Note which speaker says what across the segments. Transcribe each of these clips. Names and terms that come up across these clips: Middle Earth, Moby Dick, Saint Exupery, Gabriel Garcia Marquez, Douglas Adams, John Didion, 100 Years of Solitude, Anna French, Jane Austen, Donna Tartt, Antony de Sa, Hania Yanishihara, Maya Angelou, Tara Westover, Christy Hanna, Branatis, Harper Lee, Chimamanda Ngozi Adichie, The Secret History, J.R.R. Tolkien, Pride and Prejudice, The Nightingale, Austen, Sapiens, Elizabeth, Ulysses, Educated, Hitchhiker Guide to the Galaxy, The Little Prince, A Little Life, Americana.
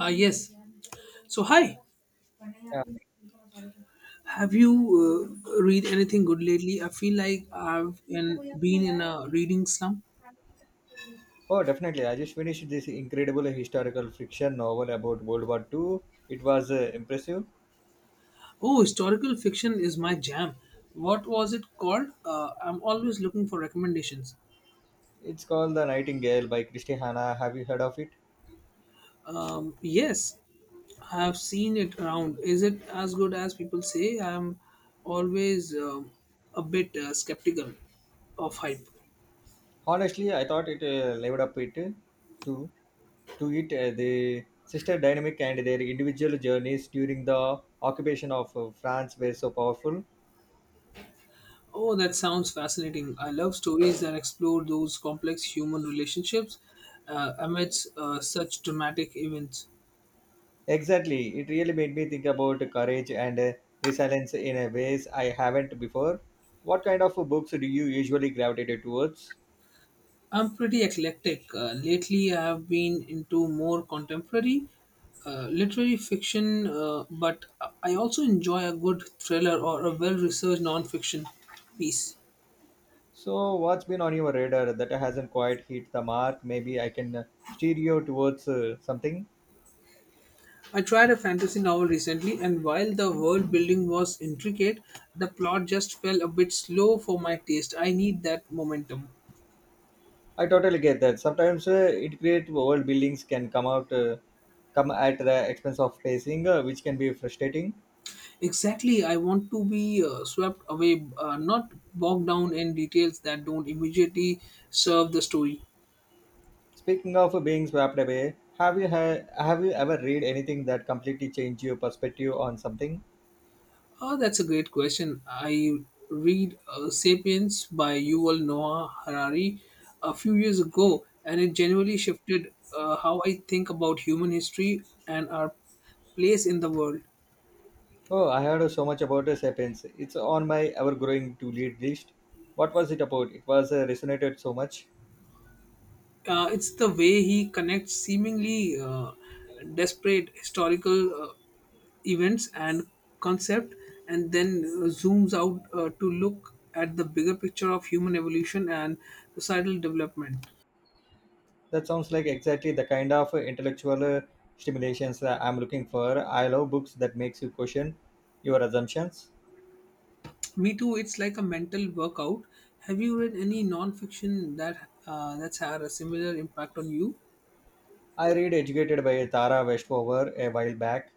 Speaker 1: Ah, yes. So, hi.
Speaker 2: Yeah.
Speaker 1: Have you read anything good lately? I feel like been in a reading slump.
Speaker 2: Oh, definitely. I just finished this incredible historical fiction novel about World War Two. It was impressive.
Speaker 1: Oh, historical fiction is my jam. What was it called? I'm always looking for recommendations.
Speaker 2: It's called The Nightingale by Christy Hanna. Have you heard of it?
Speaker 1: Yes, I have seen it around. Is it as good as people say? I'm always a bit skeptical of hype.
Speaker 2: Honestly, I thought it lived up it to to it the sister dynamic and their individual journeys during the occupation of France were so powerful.
Speaker 1: Oh, that sounds fascinating. I love stories that explore those complex human relationships amidst such dramatic events.
Speaker 2: Exactly. It really made me think about courage and resilience in a ways I haven't before. What kind of books do you usually gravitate towards?
Speaker 1: I'm pretty eclectic. Lately, I have been into more contemporary literary fiction, but I also enjoy a good thriller or a well researched non fiction piece.
Speaker 2: So, what's been on your radar that hasn't quite hit the mark? Maybe I can steer you towards something.
Speaker 1: I tried a fantasy novel recently, and while the world building was intricate, the plot just fell a bit slow for my taste. I need that momentum.
Speaker 2: I totally get that. Sometimes integrate world buildings can come out come at the expense of pacing, which can be frustrating.
Speaker 1: Exactly, I want to be swept away, not bogged down in details that don't immediately serve the story.
Speaker 2: Speaking of being swept away, have you ever read anything that completely changed your perspective on something?
Speaker 1: Oh, that's a great question. I read *Sapiens* by Yuval Noah Harari a few years ago, and it genuinely shifted how I think about human history and our place in the world.
Speaker 2: Oh, I heard so much about *Sapiens*. It's on my ever-growing to-read list. What was it about? It was resonated so much.
Speaker 1: It's the way he connects seemingly desperate historical events and concept and then zooms out to look at the bigger picture of human evolution and societal development.
Speaker 2: That sounds like exactly the kind of intellectual stimulations that I'm looking for. I love books that makes you question your assumptions.
Speaker 1: Me too, it's like a mental workout. Have you read any non-fiction that that's had a similar impact on you?
Speaker 2: I read Educated by Tara Westover a while back,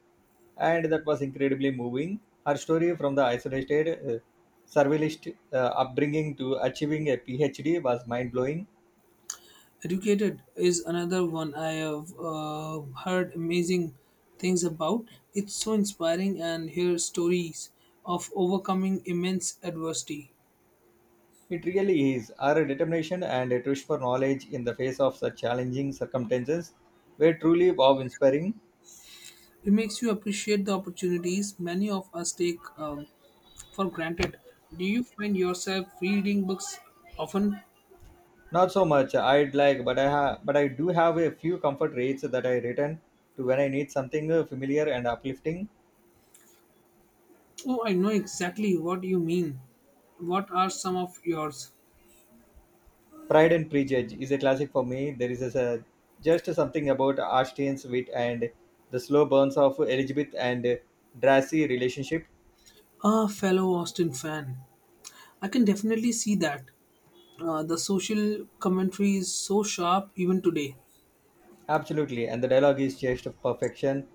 Speaker 2: and that was incredibly moving. Her story from the isolated survivalist upbringing to achieving a PhD was mind-blowing.
Speaker 1: Educated is another one I have heard amazing things about. It's so inspiring and hear stories of overcoming immense adversity.
Speaker 2: It really is. Her determination and a thirst for knowledge in the face of such challenging circumstances were truly wow-inspiring.
Speaker 1: It makes you appreciate the opportunities many of us take for granted. Do you find yourself reading books often?
Speaker 2: Not so much. I'd like, but I have, but I do have a few comfort reads that I return to when I need something familiar and uplifting.
Speaker 1: Oh, I know exactly what you mean. What are some of yours?
Speaker 2: Pride and Prejudice is a classic for me. There is a- Just something about Austen's wit and the slow burns of Elizabeth and Darcy relationship.
Speaker 1: Ah, fellow Austin fan. I can definitely see that. The social commentary is so sharp even today.
Speaker 2: Absolutely, and the dialogue is just perfection.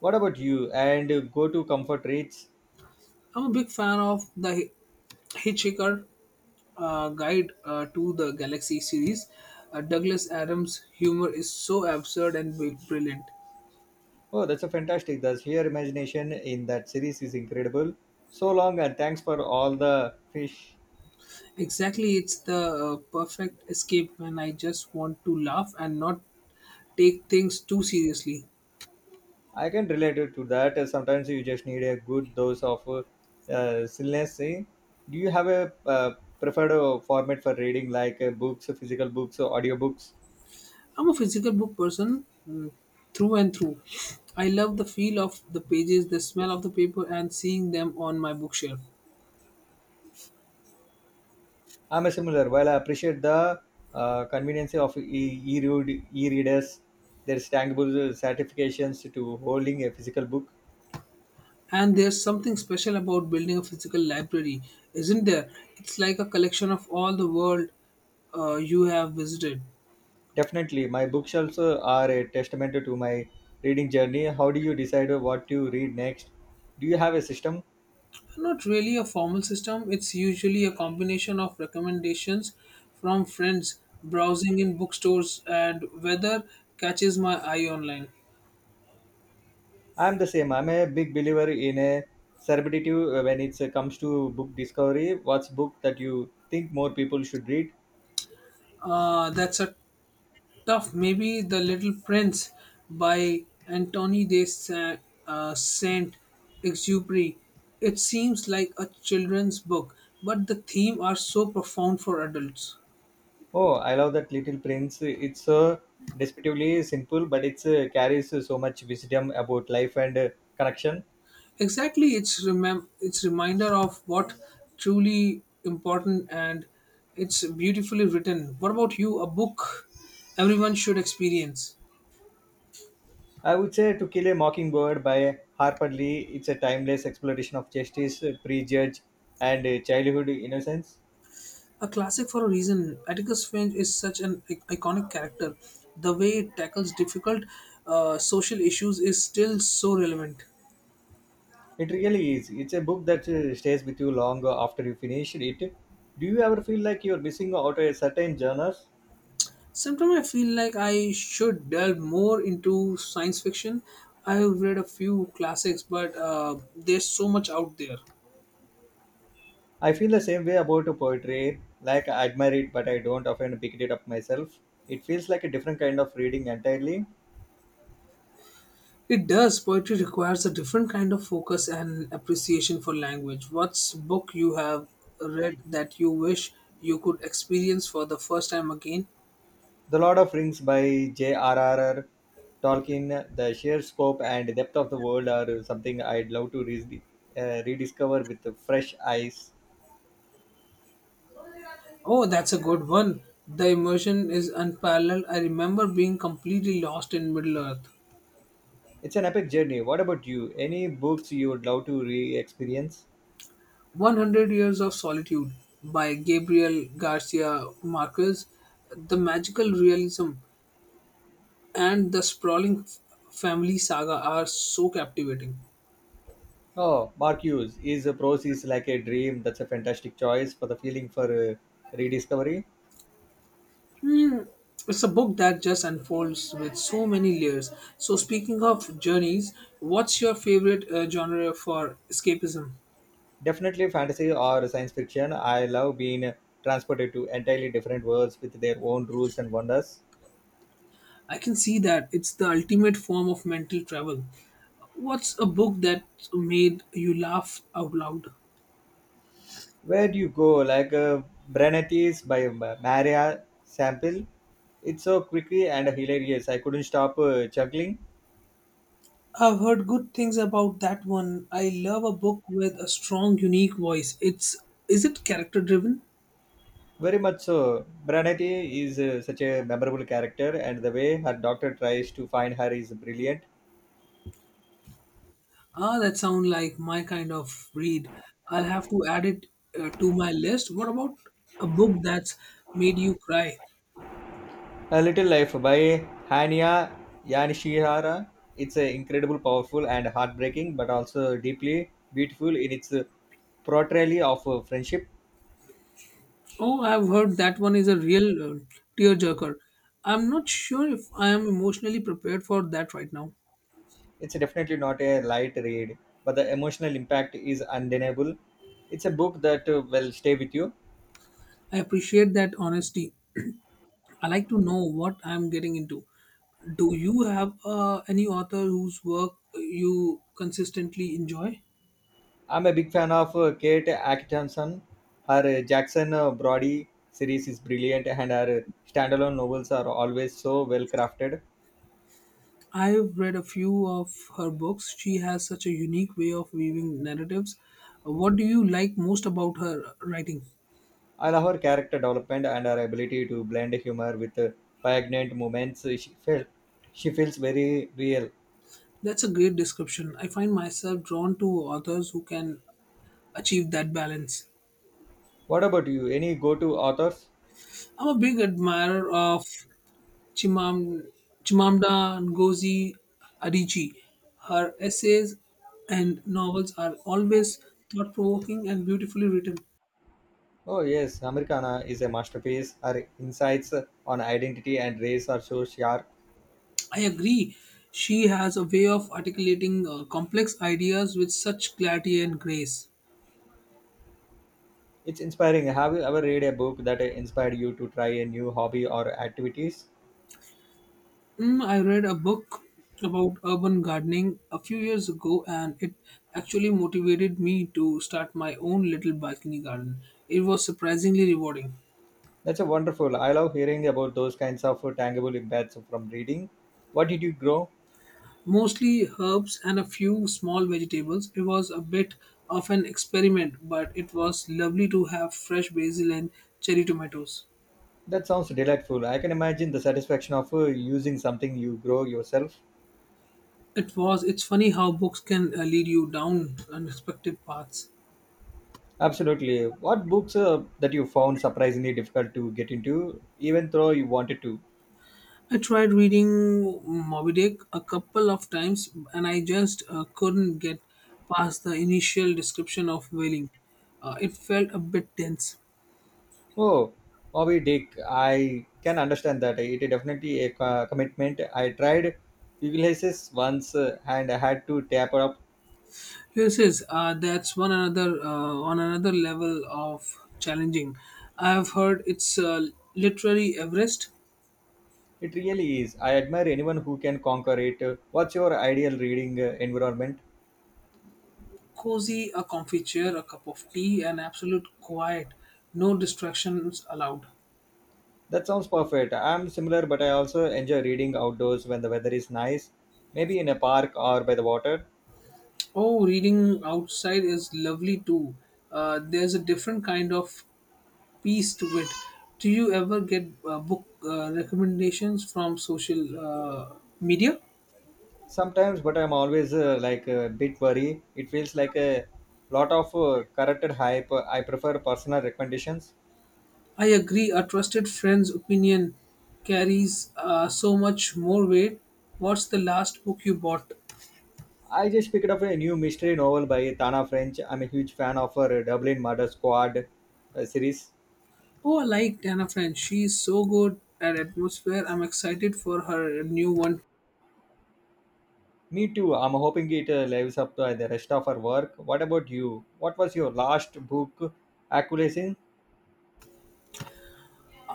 Speaker 2: What about you? And Go to comfort reads.
Speaker 1: I'm a big fan of the Hitchhiker Guide to the Galaxy series. Douglas Adams' humor is so absurd and brilliant.
Speaker 2: Oh, that's a fantastic. The sheer imagination in that series is incredible. So long, and thanks for all the fish.
Speaker 1: Exactly, it's the perfect escape when I just want to laugh and not take things too seriously.
Speaker 2: I can relate it to that. Sometimes you just need a good dose of silliness. Eh? Do you have a preferred format for reading, like books, physical books, or audiobooks?
Speaker 1: I'm a physical book person, mm, through and through. I love the feel of the pages, the smell of the paper, and seeing them on my bookshelf.
Speaker 2: I'm a similar. While I appreciate the convenience of e-readers, there's tangible certifications to holding a physical book.
Speaker 1: And there's something special about building a physical library, isn't there? It's like a collection of all the world you have visited.
Speaker 2: Definitely, my bookshelves are a testament to my reading journey. How do you decide what to read next? Do you have a system?
Speaker 1: Not really a formal system, it's usually a combination of recommendations from friends, browsing in bookstores, and weather catches my eye online.
Speaker 2: I'm the same. I'm a big believer in a serendipity when it comes to book discovery. What's book that you think more people should read?
Speaker 1: That's a tough, maybe The Little Prince by Saint Exupery. It seems like a children's book, but the theme are so profound for adults.
Speaker 2: Oh, I love that Little Prince. It's so descriptively simple, but it carries so much wisdom about life and connection.
Speaker 1: Exactly, it's reminder of what truly important, and it's beautifully written. What about you? A book everyone should experience.
Speaker 2: I would say To Kill a Mockingbird by Harper Lee. It's a timeless exploration of justice, prejudge, and childhood innocence.
Speaker 1: A classic for a reason. Atticus Finch is such an iconic character. The way it tackles difficult social issues is still so relevant.
Speaker 2: It really is. It's a book that stays with you long after you finish it. Do you ever feel like you're missing out a certain genres?
Speaker 1: Sometimes I feel like I should delve more into science fiction. I have read a few classics, but there's so much out there.
Speaker 2: I feel the same way about poetry. Like I admire it, but I don't often pick it up myself. It feels like a different kind of reading entirely.
Speaker 1: It does. Poetry requires a different kind of focus and appreciation for language. What's book you have read that you wish you could experience for the first time again?
Speaker 2: The Lord of Rings by J.R.R. Tolkien, the sheer scope and depth of the world are something I'd love to rediscover with fresh eyes.
Speaker 1: Oh, that's a good one. The immersion is unparalleled. I remember being completely lost in Middle Earth.
Speaker 2: It's an epic journey. What about you? Any books you would love to re experience?
Speaker 1: 100 Years of Solitude by Gabriel Garcia Marquez. The magical realism and the sprawling family saga are so captivating.
Speaker 2: Oh, Mark Hughes is prose is like a dream. That's a fantastic choice for the feeling for rediscovery.
Speaker 1: Hmm, it's a book that just unfolds with so many layers. So, speaking of journeys, what's your favorite genre for escapism?
Speaker 2: Definitely fantasy or science fiction. I love being transported to entirely different worlds with their own rules and wonders.
Speaker 1: I can see that. It's the ultimate form of mental travel. What's a book that made you laugh out loud?
Speaker 2: Where do you go? Like Branatis by Maria Sample. It's so quickly and hilarious. I couldn't stop chuckling.
Speaker 1: I've heard good things about that one. I love a book with a strong, unique voice. It's, is it character driven?
Speaker 2: Very much so. Branati is such a memorable character, and the way her doctor tries to find her is brilliant.
Speaker 1: Ah, that sounds like my kind of read. I'll have to add it to my list. What about a book that's made you cry?
Speaker 2: A Little Life by Hania Yanishihara. It's a incredible, powerful, and heartbreaking, but also deeply beautiful in its portrayal of friendship.
Speaker 1: Oh, I've heard that one is a real tearjerker. I'm not sure if I am emotionally prepared for that right now.
Speaker 2: It's definitely not a light read, but the emotional impact is undeniable. It's a book that will stay with you.
Speaker 1: I appreciate that honesty. I like to know what I'm getting into. Do you have any author whose work you consistently enjoy?
Speaker 2: I'm a big fan of Kate Atkinson. Her Jackson Brody series is brilliant, and her standalone novels are always so well crafted.
Speaker 1: I've read a few of her books. She has such a unique way of weaving narratives. What do you like most about her writing?
Speaker 2: I love her character development and her ability to blend humor with poignant moments. She feels very real.
Speaker 1: That's a great description. I find myself drawn to authors who can achieve that balance.
Speaker 2: What about you? Any go-to authors?
Speaker 1: I'm a big admirer of Chimam, Chimamanda Ngozi Adichie. Her essays and novels are always thought provoking and beautifully written.
Speaker 2: Oh yes, Americana is a masterpiece. Her insights on identity and race are so sharp.
Speaker 1: I agree. She has a way of articulating complex ideas with such clarity and grace.
Speaker 2: It's inspiring. Have you ever read a book that inspired you to try a new hobby or activities?
Speaker 1: Mm, I read a book about urban gardening a few years ago and it actually motivated me to start my own little balcony garden. It was surprisingly rewarding.
Speaker 2: That's a wonderful. I love hearing about those kinds of tangible impacts from reading. What did you grow?
Speaker 1: Mostly herbs and a few small vegetables. It was a bit of an experiment, but it was lovely to have fresh basil and cherry tomatoes.
Speaker 2: That sounds delightful. I can imagine the satisfaction of using something you grow yourself.
Speaker 1: It's funny how books can lead you down unexpected paths.
Speaker 2: Absolutely. What books that you found surprisingly difficult to get into, even though you wanted to?
Speaker 1: I tried reading Moby Dick a couple of times and I just couldn't get past the initial description of whaling. It felt a bit dense.
Speaker 2: Oh, Moby Dick. I can understand that. It is definitely a commitment. I tried Ulysses once and I had to taper up.
Speaker 1: Yes, yes, that's one another on another level of challenging. I have heard it's literally Everest.
Speaker 2: It really is. I admire anyone who can conquer it. What's your ideal reading environment?
Speaker 1: Cozy, a comfy chair, a cup of tea, and absolute quiet, no distractions allowed.
Speaker 2: That sounds perfect. I'm similar, but I also enjoy reading outdoors when the weather is nice, maybe in a park or by the water.
Speaker 1: Oh, reading outside is lovely too. There's a different kind of peace to it. Do you ever get book recommendations from social media?
Speaker 2: Sometimes, but I'm always like a bit worried. It feels like a lot of corrected hype. I prefer personal recommendations.
Speaker 1: I agree, a trusted friend's opinion carries so much more weight. What's the last book you bought?
Speaker 2: I just picked up a new mystery novel by Tana French. I'm a huge fan of her Dublin Murder Squad series.
Speaker 1: Oh, I liked Anna French. She's so good at atmosphere. I'm excited for her new one.
Speaker 2: Me too. I'm hoping it lives up to the rest of her work. What about you? What was your last book acquisition?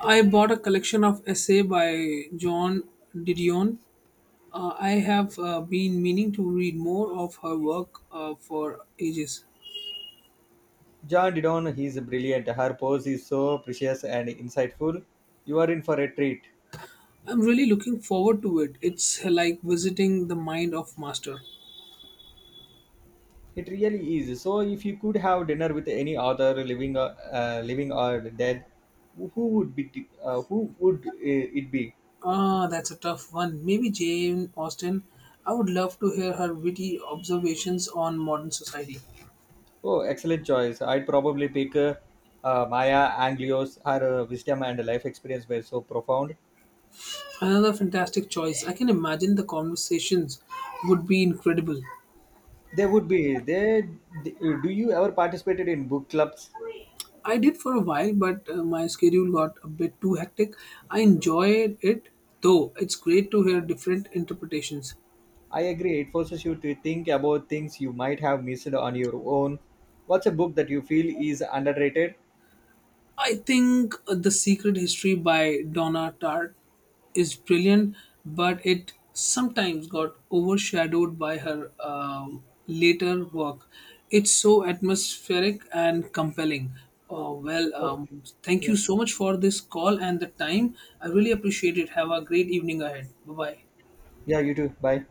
Speaker 1: I bought a collection of essay by John Didion. I have been meaning to read more of her work for ages.
Speaker 2: John Didon, he's brilliant. Her pose is so precious and insightful. You are in for a treat.
Speaker 1: I'm really looking forward to it. It's like visiting the mind of master.
Speaker 2: It really is. So, if you could have dinner with any author, living or dead, who would be? Who would it be?
Speaker 1: Ah, that's a tough one. Maybe Jane Austen. I would love to hear her witty observations on modern society.
Speaker 2: Oh, excellent choice. I'd probably pick Maya Angelou. Her wisdom and life experience were so profound.
Speaker 1: Another fantastic choice. I can imagine the conversations would be incredible.
Speaker 2: They would be. They. Do you ever participated in book clubs?
Speaker 1: I did for a while, but my schedule got a bit too hectic. I enjoyed it though. It's great to hear different interpretations.
Speaker 2: I agree. It forces you to think about things you might have missed on your own. What's a book that you feel is underrated?
Speaker 1: I think The Secret History by Donna Tartt is brilliant, but it sometimes got overshadowed by her later work. It's so atmospheric and compelling. Oh, well,
Speaker 2: Oh,
Speaker 1: thank
Speaker 2: yeah.
Speaker 1: you so much for this call and the time. I really appreciate it. Have a great evening ahead. Bye bye.
Speaker 2: Yeah, you too. Bye.